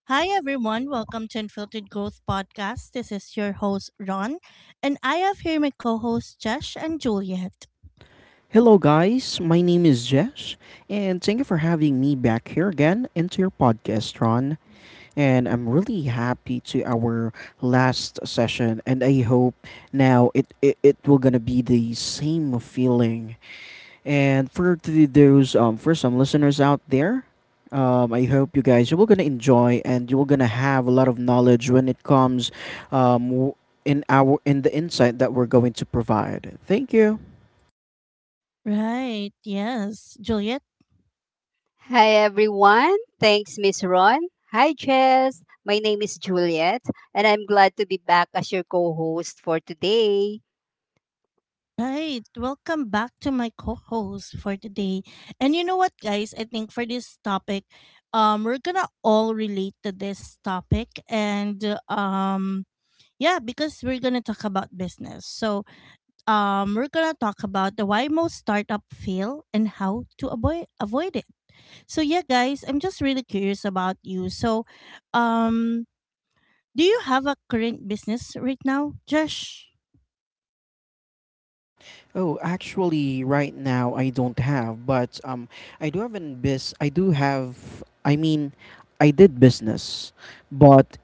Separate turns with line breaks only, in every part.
Hi, everyone. Welcome to Unfiltered Growth Podcast. This is your host, Ron, and I have here my co hosts, Josh and Juliet.
Hello, guys. My name is Jesh, and thank you for having me back here again into your podcast, Ron. And I'm really happy to our last session, and I hope now it will gonna be the same feeling. And for the, those for some listeners out there, I hope you guys you will gonna enjoy and you will gonna have a lot of knowledge when it comes, um, w- in our in the insight that we're going to provide. Thank you.
Right. Yes. Juliet,
Hi everyone. Thanks, Miss Ron. Hi, Jess. My name is Juliet, and I'm glad to be back as your co-host for today.
right. Welcome back to my co-host for today. And you know what, guys? I think for this topic, we're gonna all relate to this topic, and yeah, because we're gonna talk about business. So, we're gonna talk about the why most startup fail and how to avoid it. So, yeah, guys, I'm just really curious about you. So, um, do you have a current business right now, Josh?
Oh, actually, right now I don't have, but I do have an biz. I do have. I mean, I did business, but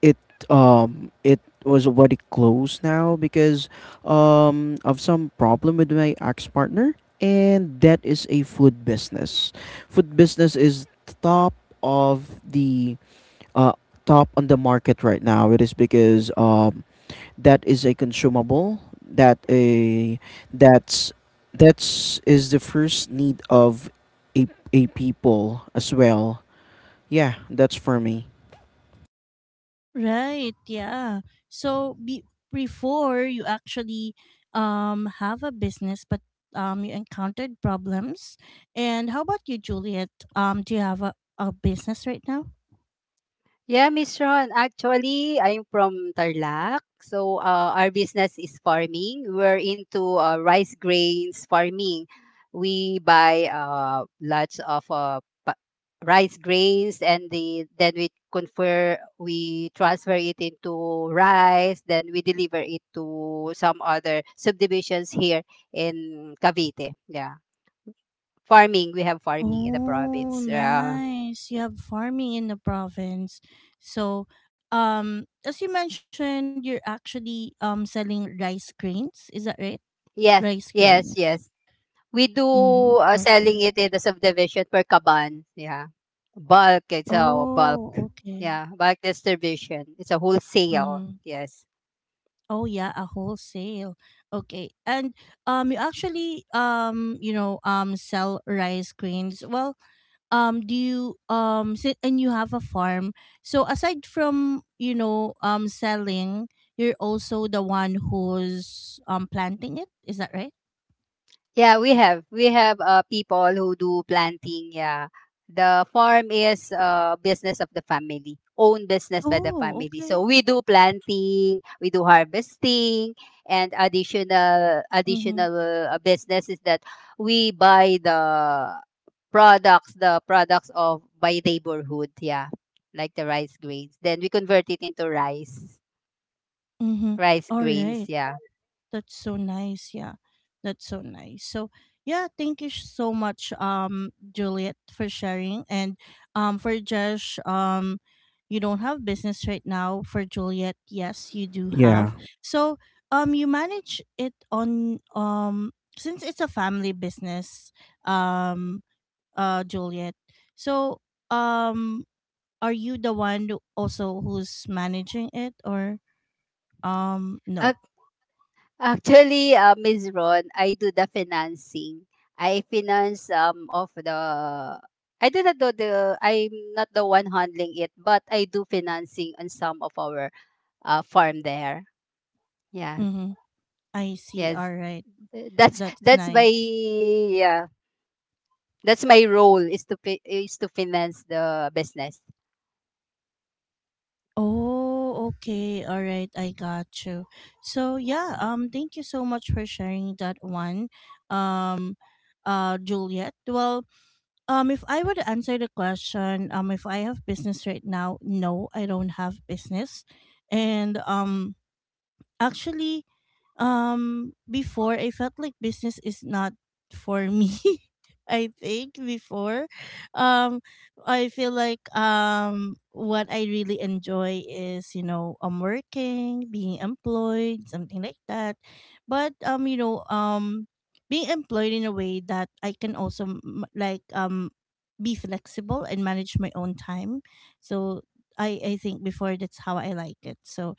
it it was already closed now because of some problem with my ex partner, and that is a food business. Food business is top of the uh top on the market right now. It is because that is a consumable that a that's that's is the first need of a, a people as well, yeah. That's for me.
Right, yeah. So before you actually have a business but you encountered problems. And how about you, Juliet? Do you have a business right now?
Yeah, Miss Ron. Actually, I'm from Tarlac. So our business is farming. We're into rice grains farming. We buy lots of rice grains and then we transfer it into rice, then we deliver it to some other subdivisions here in Cavite. Yeah, farming. We have farming in the
Oh,
province. Yeah,
nice. You have farming in the province. So, as you mentioned, you're actually selling rice grains, is that right?
yes,
Rice
yes.
grains.
Yes, we do
Mhm. Okay.
selling it in the subdivision per kaban. Yeah, bulk, it's a bulk.
Oh, okay.
Yeah, bulk distribution, it's a wholesale.
Mhm.
Yes.
Oh yeah, a wholesale. Okay. And you actually you know sell rice grains. Well, do you sit and you have a farm. So aside from, you know, selling, you're also the one who's planting it. Is that right?
Yeah, we have people who do planting. Yeah. The farm is business of the family, own business by the
Oh,
family.
okay.
So we do planting, we do harvesting, and additional
Mhm.
additional uh, business is that we buy the products of by neighborhood. Yeah, like the rice grains. Then we convert it into rice,
Mhm.
rice
All
grains.
right.
Yeah.
That's so nice. Yeah. That's so nice. So, yeah, thank you so much Juliet for sharing and for Josh, you don't have business right now. For Juliet, yes, you do
Yeah.
have. So, you manage it on since it's a family business, um Juliet. So, um are you the also who's managing it or no?
Actually, Ms. Ron, I do the financing. I finance um of the I'm not the one handling it, but I do financing on some of our farm there. Yeah.
Mm-hmm. I see. All
Yes.
right.
That's
That's
that's my,
nice.
yeah. That's my role, is to is to finance the business.
Oh, okay. All right. I got you. So, yeah, thank you so much for sharing that one. Um Juliet. Well, if I were to answer the question, if I have business right now, no, I don't have business. And actually, before I felt like business is not for me. I think before, um, I feel like what I really enjoy is you know I'm working, being employed, something like that. But you know being employed in a way that I can also like be flexible and manage my own time. So I think before that's how I like it. So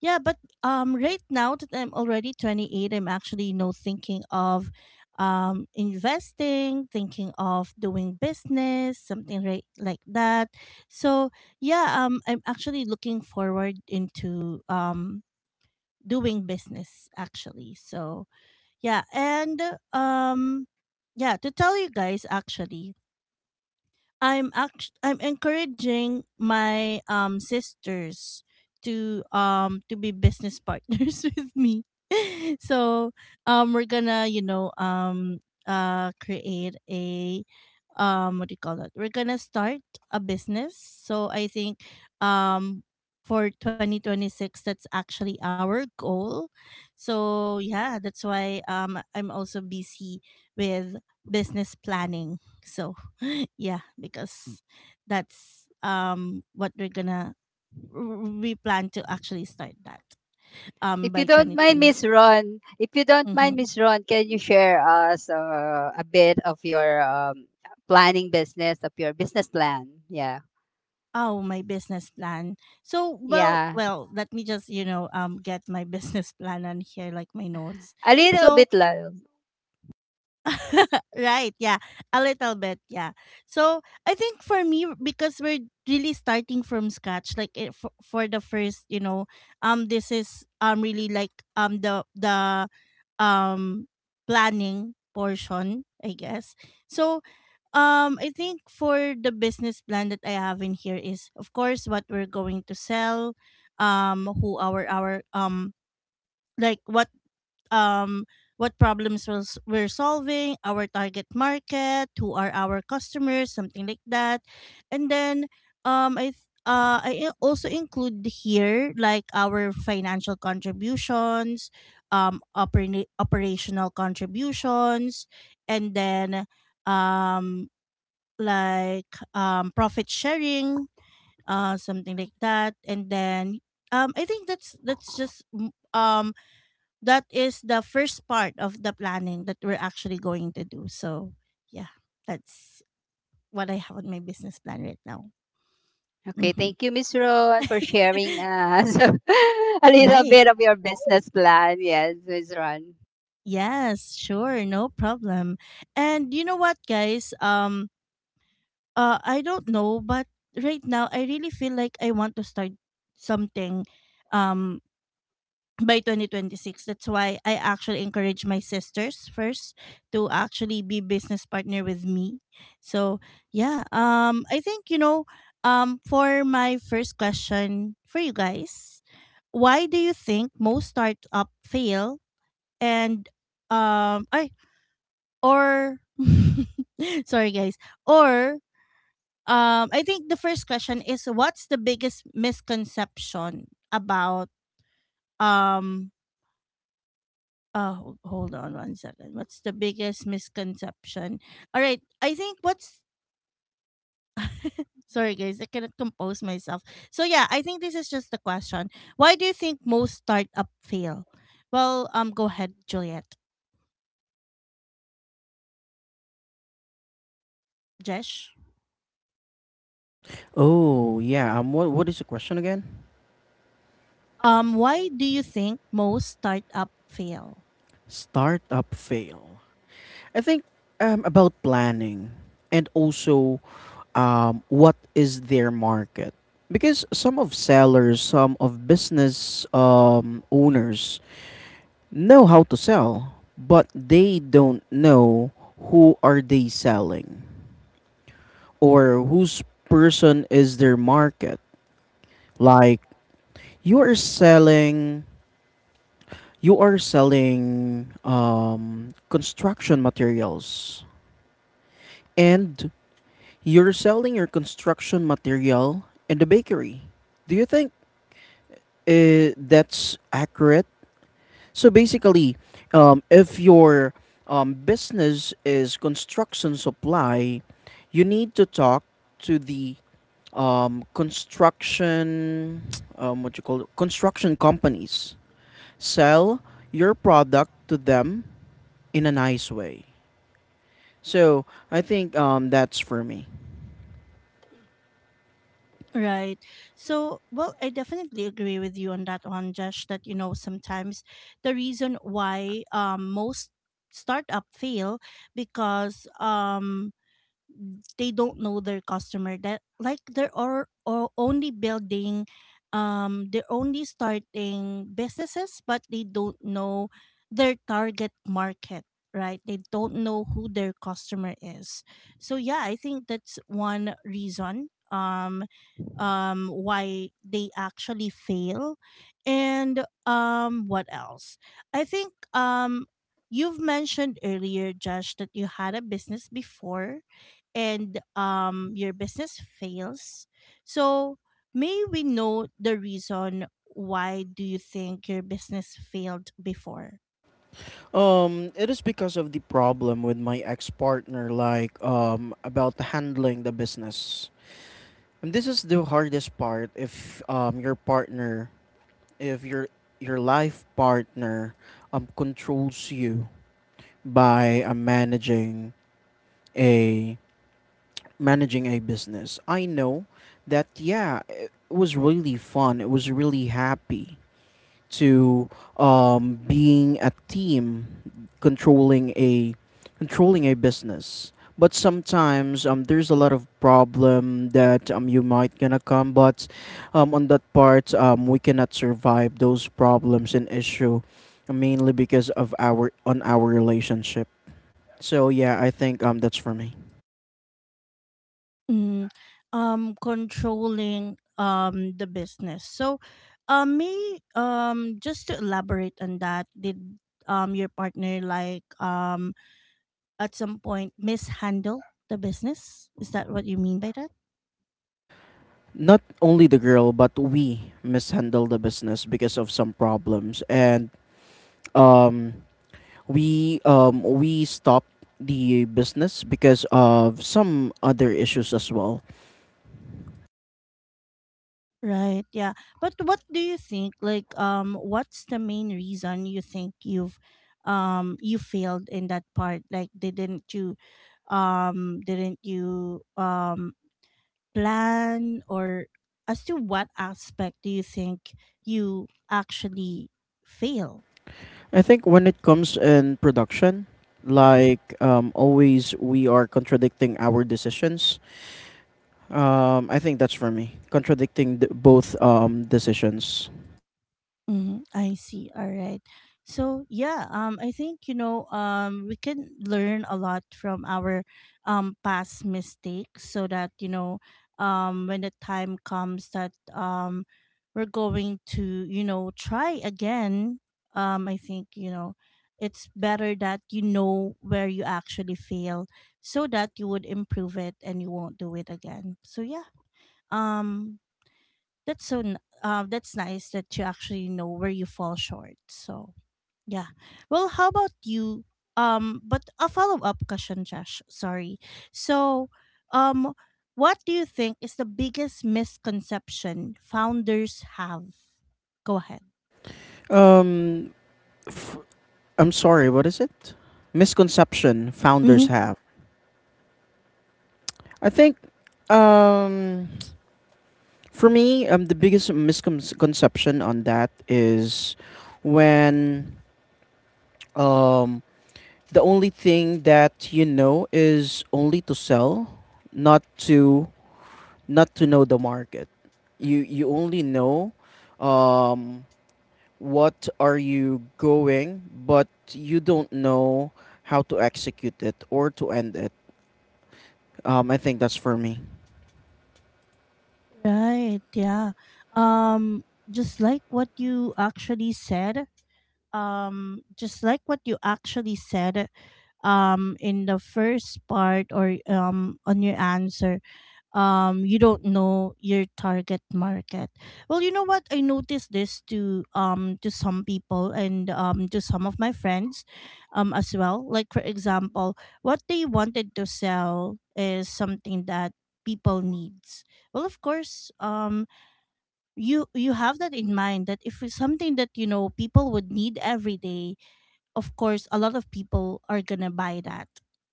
yeah, but right now that I'm already 28, I'm actually, you know, thinking of investing, thinking of doing business, something right like that. So yeah, I'm actually looking forward into doing business actually. So yeah, and um, yeah, to tell you guys actually, I'm encouraging my sisters to be business partners with me. So we're gonna you know create a what do you call that? We're gonna start a business. So I think um for 2026 that's actually our goal. So yeah, that's why I'm also busy with business planning. So yeah, because that's what we're gonna we plan to actually start that
If
by
you don't mind, Miss
2026.
Ron, if you don't mind,
Mm-hmm.
Miss Ron, can you share us a bit of your planning business of your business plan? Yeah,
Oh, my business plan. So, well,
Yeah,
well, let me just you know get my business plan on here, like my notes.
a little
So,
bit, love.
right, yeah, a little bit, yeah. So, I think for me because we're really starting from scratch, for the first, you know, this is really like the um planning portion, I guess. So, I think for the business plan that I have in here is of course what we're going to sell, who our like um what problems was we're solving, our target market, who are our customers, something like that. And then I also include here like our financial contributions, operational contributions, and then um, like profit sharing, something like that. And then I think that's that is the first part of the planning that we're actually going to do. So, yeah, that's what I have on my business plan right now.
Okay,
Hmm
thank you, Miss Ron, for sharing us a little
Right.
bit of your business plan. Yes, Miss Ron.
Yes, sure, no problem. And you know what, guys? I don't know, but right now I really feel like I want to start something, um, by 2026. That's why I actually encourage my sisters first to actually be business partner with me. So yeah, I think you know, for my first question for you guys, why do you think most startup fail? And I or sorry guys, or I think the first question is what's the biggest misconception about um. Hold on one second. What's the biggest misconception? All right. I think what's, sorry guys, I cannot compose myself. So yeah, I think this is just the question. Why do you think most startup fail? Well, go ahead, Juliet. Jesh.
Oh yeah. What is the question again?
Why do you think most startup fail?
Startup fail. I think about planning and also what is their market, because some of sellers, some of business owners know how to sell, but they don't know who are they selling or whose person is their market. Like, you are selling, you are selling construction materials, and you're selling your construction material in the bakery. Do you think that's accurate? So basically, if your business is construction supply, you need to talk to the construction, what you call it, construction companies. Sell your product to them in a nice way. So I think that's for me.
Right. So, well, I definitely agree with you on that one, Josh, that, you know, sometimes the reason why most startup fail because they don't know their customer, that like they're or only building they're only starting businesses but they don't know their target market, right? They don't know who their customer is. So yeah, I think that's one reason, why they actually fail. And what else? I think you've mentioned earlier, Josh, that you had a business before, and your business fails. So may we know the reason? Why do you think your business failed before?
It is because of the problem with my ex partner, like about handling the business. And this is the hardest part if your partner, if your your life partner controls you by managing a managing a business. I know that, yeah, it was really fun. It was really happy to being a team, controlling a controlling a business. But sometimes there's a lot of problem that you might gonna come, but on that part we cannot survive those problems and issue, mainly because of our relationship. So yeah, I think that's for me.
Mm, controlling the business. So may just to elaborate on that, did your partner like at some point mishandle the business? Is that what you mean by that?
Not only the girl, but we mishandle the business because of some problems, and um, we stopped the business because of some other issues as well.
Right. Yeah. But what do you think? Like, what's the main reason you think you've, you failed in that part? Like, didn't you, plan or as to what aspect do you think you actually fail?
I think when it comes in production, like always, we are contradicting our decisions. I think that's for me, contradicting the, both decisions.
Mm, I see. All right. So yeah, I think you know, we can learn a lot from our past mistakes, so that you know, when the time comes that we're going to you know try again. I think you know, it's better that you know where you actually fail, so that you would improve it and you won't do it again. So yeah. Um, that's so that's nice that you actually know where you fall short. So yeah, well, how about you? But a follow-up question, Josh, sorry. So um what do you think is the biggest misconception founders have? Go ahead.
Um, f- I'm sorry, what is it? Misconception
Mm-hmm.
founders have. I think. Um, For me, the biggest misconception on that is when um, the only thing that you know is only to sell, not to not to know the market. You only know um, what are you going, but you don't know how to execute it or to end it. I think that's for me.
Right, yeah. um just like what you actually said, um just like what you actually said in the first part or on your answer, you don't know your target market. Well, you know what, I noticed this to some people and to some of my friends as well. Like for example, what they wanted to sell is something that people needs. Well of course, you have that in mind that if it's something that you know people would need every day, of course a lot of people are gonna buy that,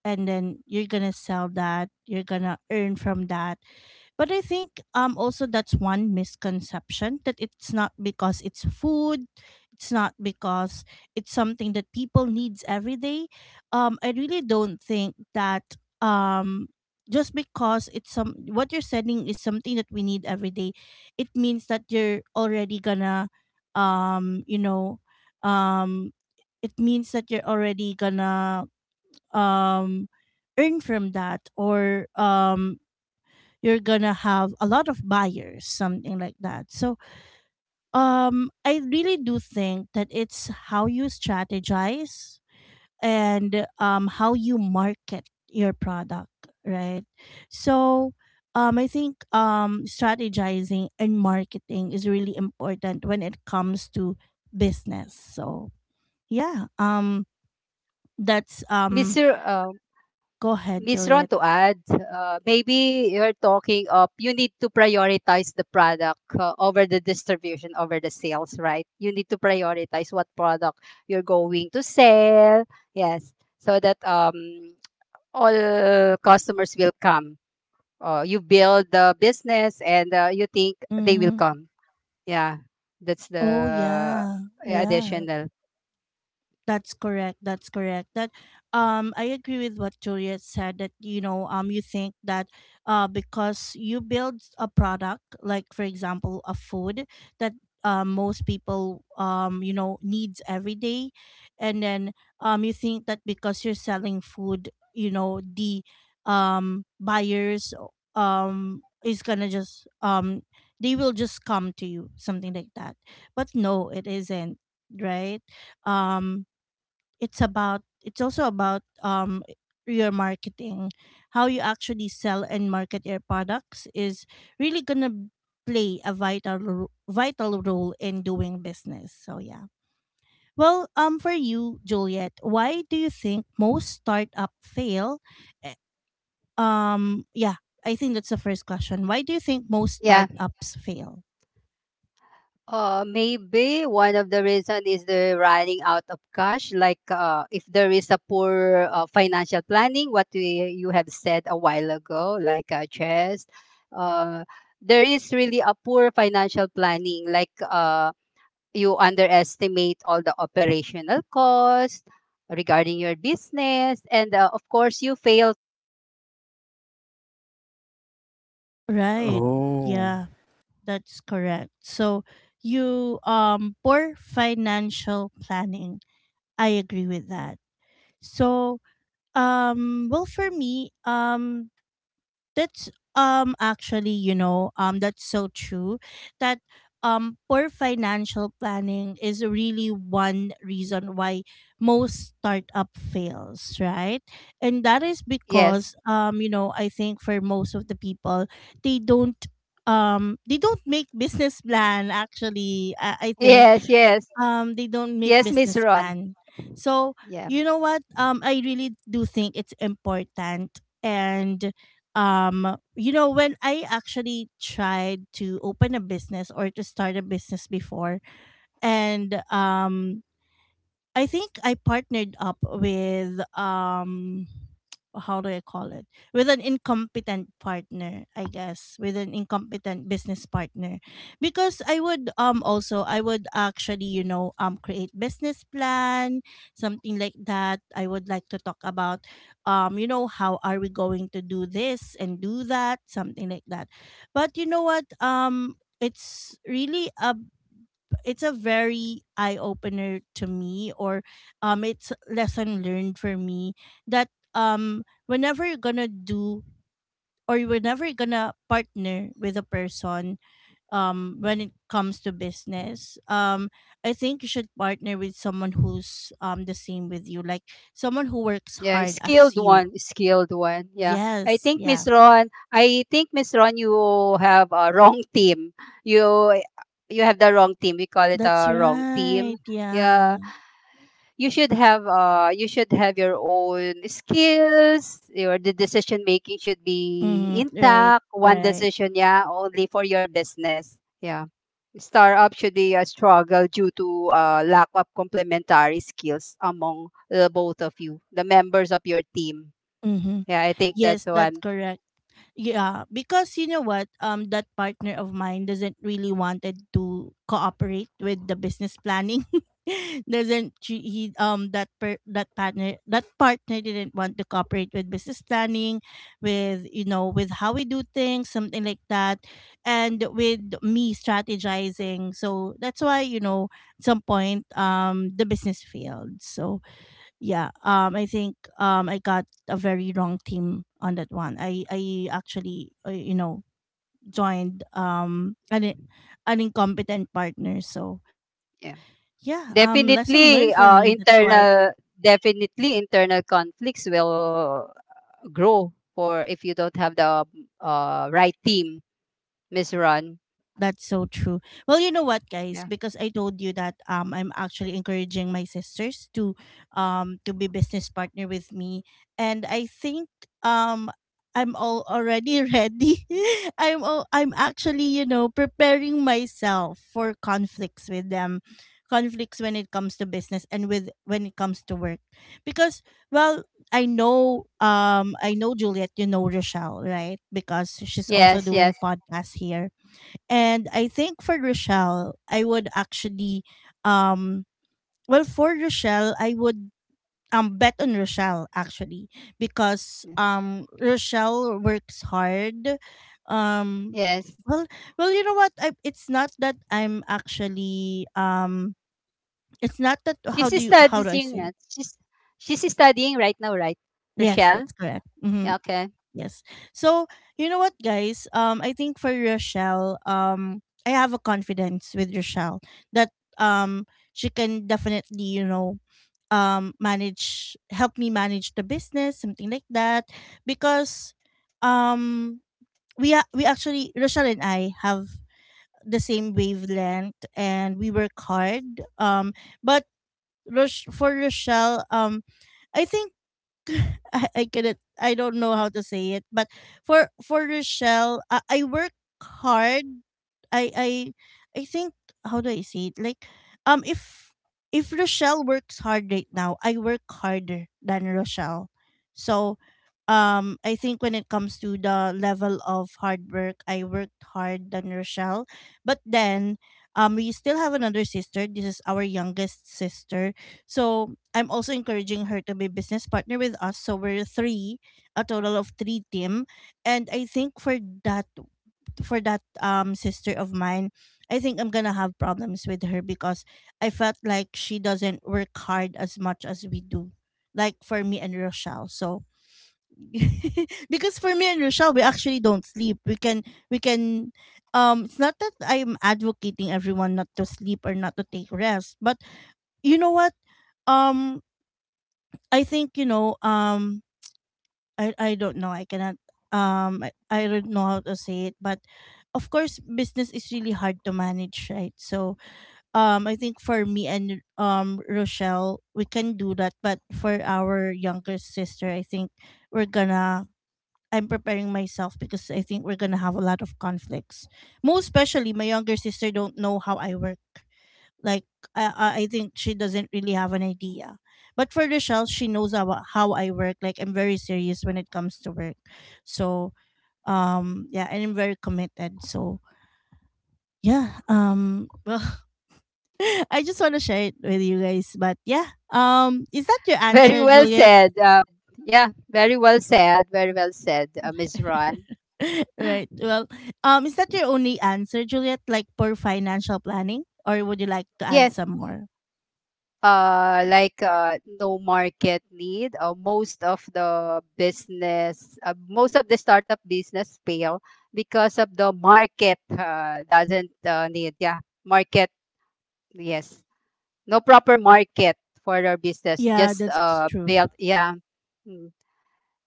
and then you're gonna sell that, you're gonna earn from that. But I think also that's one misconception, that it's not because it's food, it's not because it's something that people needs every day. I really don't think that um just because it's some what you're selling is something that we need every day, it means that you're already gonna um you know um it means that you're already gonna um earn from that or you're gonna have a lot of buyers, something like that. So I really do think that it's how you strategize and how you market your product, right? So I think strategizing and marketing is really important when it comes to business. So yeah, that's
Miss R- uh,
go ahead,
Miss Ron,
Juliet.
to add, maybe you're talking of you need to prioritize the product, over the distribution, over the sales, right? You need to prioritize what product you're going to sell. Yes, so that all customers will come, you build the business and you think they will
Mm-hmm.
come. Yeah, that's
Oh
the
yeah, yeah.
additional.
That's correct. That's correct. That I agree with what Juliet said, that you know you think that because you build a product, like for example a food that most people you know needs every day, and then you think that because you're selling food you know the buyers is going to just they will just come to you, something like that. But no, it isn't, right? um it's about, it's also about your marketing. How you actually sell and market your products is really gonna play a vital role in doing business. So yeah, well, for you Juliet, why do you think most startup fail? Yeah, I think that's the first question. Why do you think most
Yeah,
startups fail?
maybe one of the reason is the running out of cash. Like if there is a poor financial planning, what we, you have said a while ago, like chess, uh, there is really a poor financial planning. Like you underestimate all the operational costs regarding your business, and of course, you fail.
Right.
Oh.
Yeah, that's correct. So you poor financial planning. I agree with that. So, well, for me, that's actually, that's so true that poor financial planning is really one reason why most startup fails, right? And that is because,
Yes.
I think, for most of the people, they don't, make business plan. Actually, I think
Yes. Yes.
they don't make
Yes, Miss
business
Ron.
plan. So
Yeah.
you know what? I really do think it's important. And when I actually tried to open a business, or to start a business before. And I think I partnered up with, how do I call it? With an incompetent partner, I guess, with an incompetent business partner. Because I would actually, create business plan, something like that. I would like to talk about, how are we going to do this and do that, something like that. But you know what? It's really a it's a very eye opener to me, or it's lesson learned for me, that whenever you're gonna do, or whenever you're gonna partner with a person, when it comes to business, I think you should partner with someone who's the same with you, like someone who works
Yeah,
hard
skilled
as you.
one, skilled one. Yeah.
Yes,
I think
yeah.
Miss Ron, I think Miss Ron, you have a wrong team. You you have the wrong team. We call it
That's
a wrong
right.
team.
Yeah.
Yeah. You should have your own skills. Your the decision making should be
Mm-hmm. Right.
intact. One
Right.
decision, yeah, only for your business. Yeah. Startup should be a struggle due to lack of complementary skills among the both of you, the members of your team.
Mm-hmm.
Yeah, I think that's
Yes, that's
one.
correct. Yeah, because you know what, that partner of mine doesn't really wanted to cooperate with the business planning. doesn't she, he that per, That partner didn't want to cooperate with business planning, with you know with how we do things, something like that, and with me strategizing. So that's why, at some point, the business failed. So yeah, I think I got a very wrong team on that one. I actually, joined, an incompetent partner. So
Yeah,
yeah, lesson learned for me,
definitely.
that's why.
Definitely internal conflicts will grow for if you don't have the right team, Miss Ron.
That's so true. Well, you know what, guys?
Yeah.
Because I told you that, I'm actually encouraging my sisters to, to be business partner with me, and I think, um, I'm all already ready. I'm actually, preparing myself for conflicts with them, conflicts when it comes to business, and with when it comes to work, because, well, I know Juliet, you know Rochelle, right? Because she's also
Yes.
doing
Yes.
podcast here, and I think for Rochelle, um I would bet on Rochelle, actually, because Rochelle works hard. Um
Yes.
well, you know what, it's not that I'm actually, it's not that,
She's
how do I
studying.
say it?
She's studying right now, right,
Yes,
Rochelle?
that's correct.
Yeah.
Mhm.
Okay.
Yes. So you know what, guys? I think for Rochelle, I have a confidence with Rochelle, that um she can definitely, manage help me manage the business, something like that, because um we actually, Rochelle and I have the same wavelength, and we work hard. But, for Rochelle, I think. I don't know how to say it. But for Rochelle, I work hard. I I I think, how do I say it? Like, um if if Rochelle works hard right now, I work harder than Rochelle. So, I think when it comes to the level of hard work, I worked hard than Rochelle. But then, we still have another sister. This is our youngest sister. So I'm also encouraging her to be business partner with us. So we're three, a total of three team. And I think that for that sister of mine, I think I'm gonna have problems with her because I felt like she doesn't work hard as much as we do. Like, for me and Rochelle. So because for me and Rochelle, we actually don't sleep. We can, it's not that I'm advocating everyone not to sleep, or not to take rest, but you know what? Um I think, I don't know, I cannot, I don't know how to say it, but of course business is really hard to manage, right? So, I think for me and, Rochelle, we can do that, but for our younger sister, I think we're gonna I'm preparing myself, because I think we're gonna have a lot of conflicts. Most especially, my younger sister don't know how I work. Like, I think she doesn't really have an idea. But for Rochelle, she knows how I work. Like, I'm very serious when it comes to work. So yeah, and I'm very committed. So yeah, well, I just want to share it with you guys. But yeah, is that your
Very
answer,
well
Juliet?
said. Yeah. Very well said. Very well said, Miss Ron.
Right. Well, is that your only answer, Juliet, like for financial planning, or would you like to add
Yes.
some more?
Like no market need, uh, most of the startup business fail because of the market doesn't need. Yeah, market. Yes, no proper market for their business,
Yeah,
just
that's true.
built. Yeah. Hmm.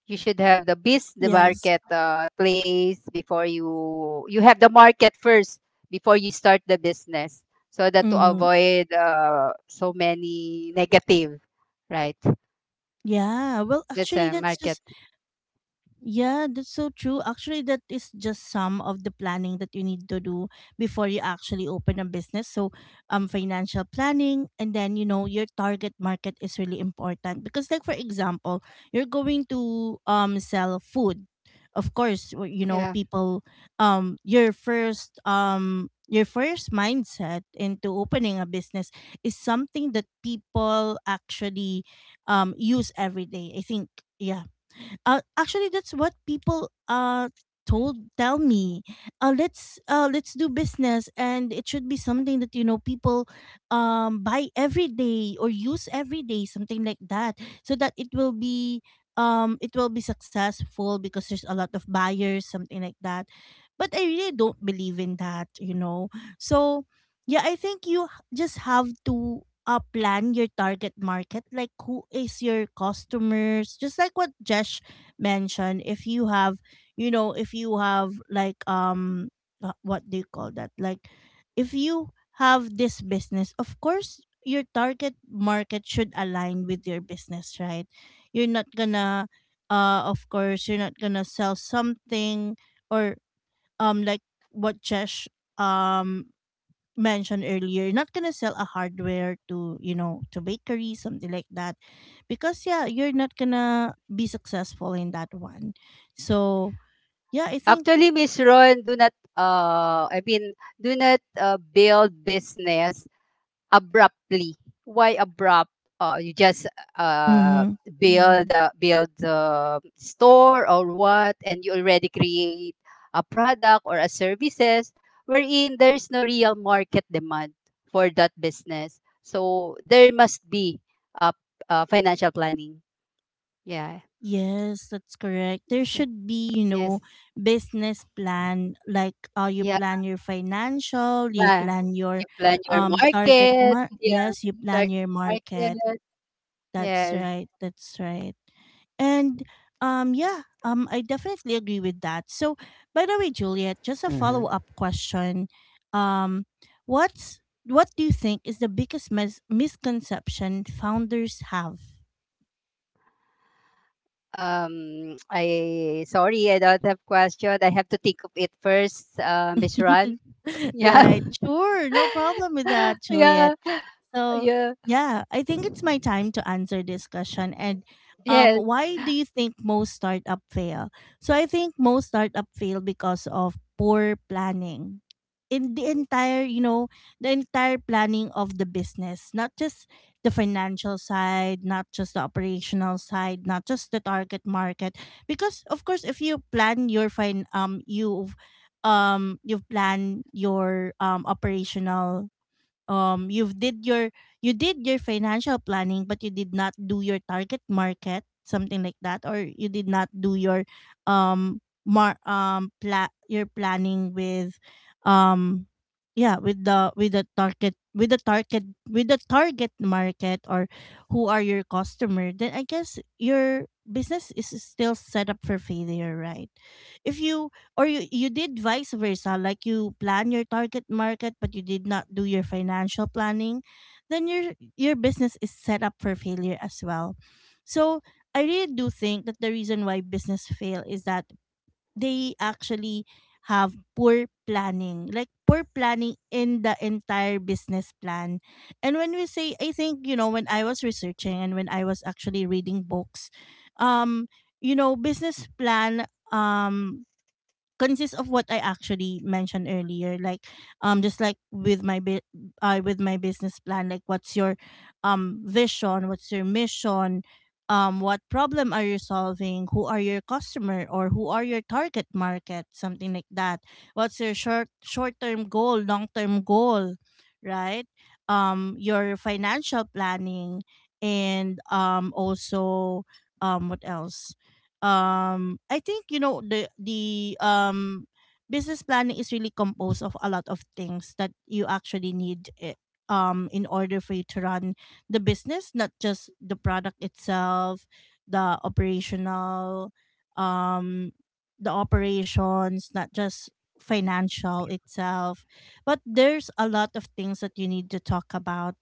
You should have the
Yes.
market place before you, you have the market first before you start the business, so that to
Hmm.
avoid so many negative, right?
Yeah, well,
That's
actually,
a
that's
market.
just yeah, that's so true. Actually, that is just some of the planning that you need to do before you actually open a business. So, financial planning, and then, you know, your target market is really important because, like for example, you're going to sell food. Of course, you know
Yeah.
people. Your first mindset into opening a business is something that people actually use every day, I think. Yeah. Actually, that's what people told tell me. Let's do business, and it should be something that, people buy every day, or use every day, something like that, so that it will be, successful, because there's a lot of buyers, something like that. But I really don't believe in that. So yeah, I think you just have to, plan your target market, like who is your customers, just like what Jesh mentioned. If you have, like, what do you call that, like if you have this business, of course your target market should align with your business, right? You're not gonna, of course you're not gonna sell something, or like what Chesh um mentioned earlier, you're not gonna sell a hardware to, to bakery, something like that, because, yeah, you're not gonna be successful in that one. So yeah, I think.
Actually, Miss Ron, do not do not build business abruptly. Why abrupt? You just uh,
Mm-hmm.
build Mm. Build the store or what, and you already create a product or a services wherein there is no real market demand for that business. So there must be uh, financial planning. Yeah.
Yes, that's correct. There
Yes. Uh,
should be, you know,
yes.
business plan, like, you
Yeah.
plan your financial, you
Yeah.
plan your,
You plan your market. Yeah.
yes, you plan
Target
your market.
market.
That's
Yes.
right. That's right. And yeah, I definitely agree with that. So, by the way, Juliet, just a
Mm-hmm.
follow up question. Um what's what do you think is the biggest misconception founders have?
I sorry, I don't have question. I have to think of it first, Miss Ron. Yeah,
Right. Sure, no problem with that, Juliet.
yeah,
So
yeah.
yeah, I think it's my time to answer this question. And,
Yes,
why do you think most startup fail? So I think most startup fail because of poor planning. In the entire planning of the business, not just the financial side, not just the operational side, not just the target market. Because, of course, if you plan your, operational, um you've did your you did your financial planning, but you did not do your target market, something like that. Or you did not do your, um planning with, um yeah, with the target market, or who are your customer. Then I guess your business is still set up for failure, right? If you, or you did vice versa, like you plan your target market, but you did not do your financial planning, then your business is set up for failure as well. So I really do think that the reason why business fail is that they actually have poor planning, like poor planning in the entire business plan. And when we say I think, when I was researching, and when I was actually reading books, um business plan um consists of what I actually mentioned earlier, like, just like with my, with my business plan, like what's your vision, what's your mission, what problem are you solving, who are your customer, or who are your target market, something like that. What's your short term goal, long term goal, right? Your financial planning and also what else I think you know the business planning is really composed of a lot of things that you actually need in order for you to run the business, not just the product itself, the operational um the operations, not just financial itself, but there's a lot of things that you need to talk about,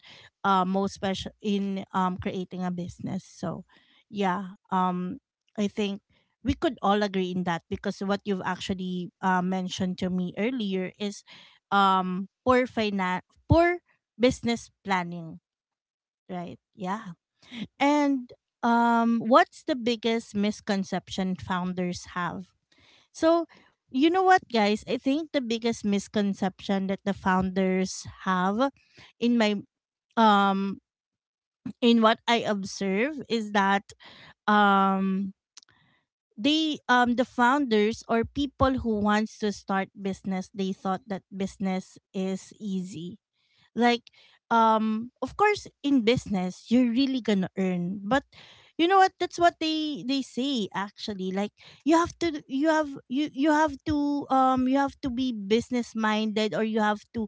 most special in creating a business. So yeah um I think we could all agree in that, because what you've actually mentioned to me earlier is poor business planning, right? Yeah. And what's the biggest misconception founders have? So, you know what guys, I think the biggest misconception that the founders have in my um in what I observe is that um the founders or people who wants to start business, they thought that business is easy. Like, of course in business you're really gonna earn. But you know what, that's what they say actually. Like, you have to be business minded, or you have to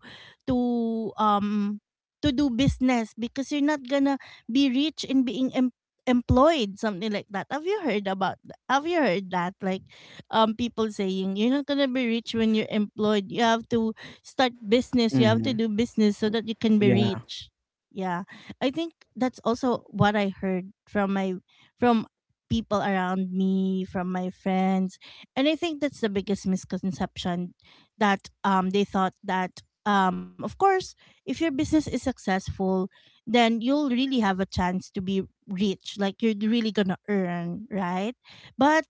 to um to do business, because you're not gonna be rich in being employed, something like that. Have you heard have you heard that? Like, people saying you're not gonna be rich when you're employed, you have to start business, you
Mm-hmm.
have to do business so that you can be rich. Yeah. I think that's also what I heard from my, from people around me, from my friends. And I think that's the biggest misconception, that they thought that, of course, if your business is successful, then you'll really have a chance to be rich. Like, you're really gonna earn, right? But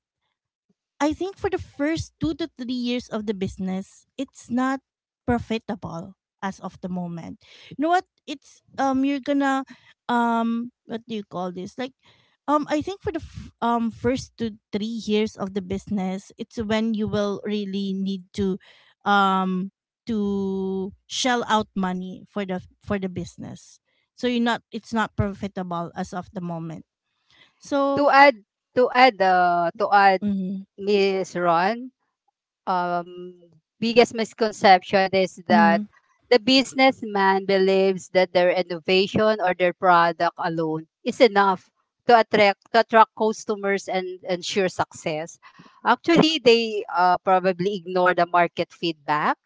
I think for the first 2 to 3 years of the business, it's not profitable as of the moment. You know what, it's you're gonna, what do you call this? Like, I think for the first to 3 years of the business, it's when you will really need um to shell out money for the business. So you're not, it's not profitable as of the moment.
to
So
add, to add,
mhm,
Miss Ron. um, Biggest misconception is that
mhm.
the businessman believes that their innovation or their product alone is enough to attract customers and ensure success. Actually, they probably ignore the market feedback.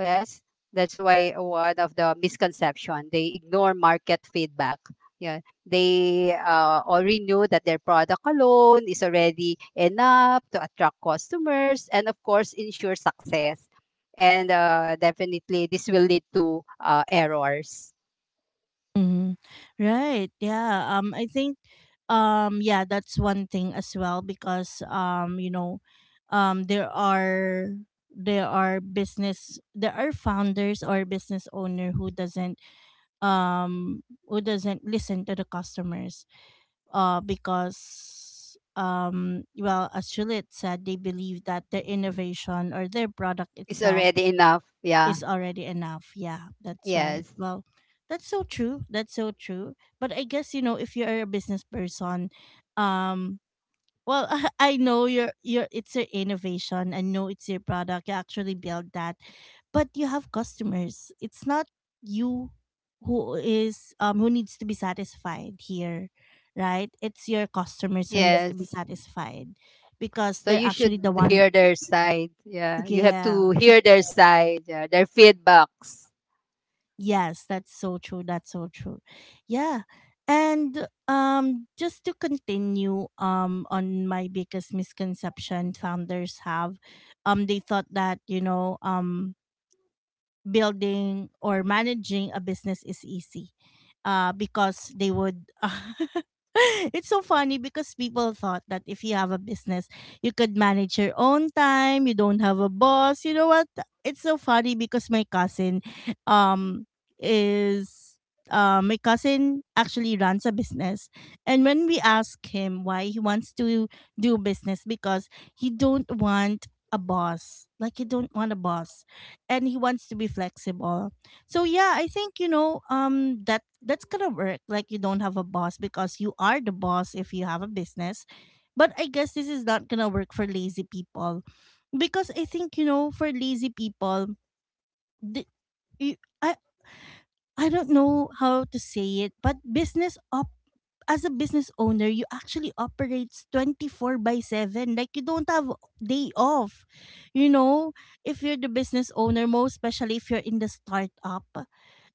Yes, that's why one of the misconception, they ignore market feedback. Yes. They already know that their product alone is already enough to attract customers and, of course, ensure success. And definitely, this will lead to errors.
Mhm. Right. Yeah. I think, yeah, that's one thing as well, because there are, there are business there are founders or business owner who doesn't listen to the customers, uh, because well, as Juliet said, they believe that their innovation or their product
It's
itself
already enough. Yeah.
is already enough. Yeah, that's right.
Yes.
Well, that's so true. That's so true. But I guess, you know, if you're a business person, um, well, I know your it's your innovation. I know it's your product. You actually build that, but you have customers. It's not you who is who needs to be satisfied here, right? It's your customers who needs
Yes.
to be satisfied, because
So
they're
you
actually the
should
one.
hear their side. Yeah. You have
Yeah.
to hear their side, yeah, their feedbacks.
Yes, that's so true. That's so true. Yeah. And just to continue on my biggest misconception founders have, they thought that, you know, building or managing a business is easy, because they would it's so funny, because people thought that if you have a business you could manage your own time, you don't have a boss. You know what, it's so funny because my cousin, um is my cousin actually runs a business, and when we ask him why he wants to do business, because he don't want a boss, like he don't want a boss, and he wants to be flexible. So yeah, I think, you know, that that's gonna work. Like, you don't have a boss because you are the boss if you have a business. But I guess this is not gonna work for lazy people, because I think, you know, for lazy people, the, you, I I don't know how to say it, but business op as a business owner, you actually operates 24 by 7. Like, you don't have day off. You know, if you're the business owner, most especially if you're in the startup,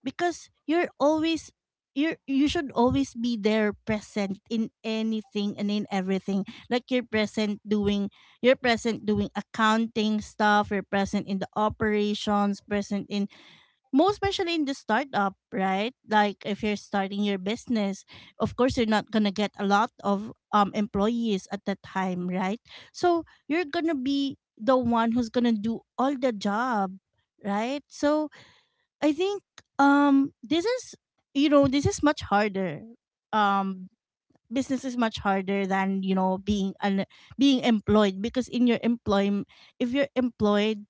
because you're always, you should always be there, present in anything and in everything. Like, you're present doing, you're present doing accounting stuff, you're present in the operations, present in, most especially in the startup, right? Like, if you're starting your business, of course you're not gonna get a lot of employees at that time, right? So you're gonna be the one who's gonna do all the job, right? So I think, this is, you know, this is much harder. Um, business is much harder than, you know, being employed, because in your employment, if you're employed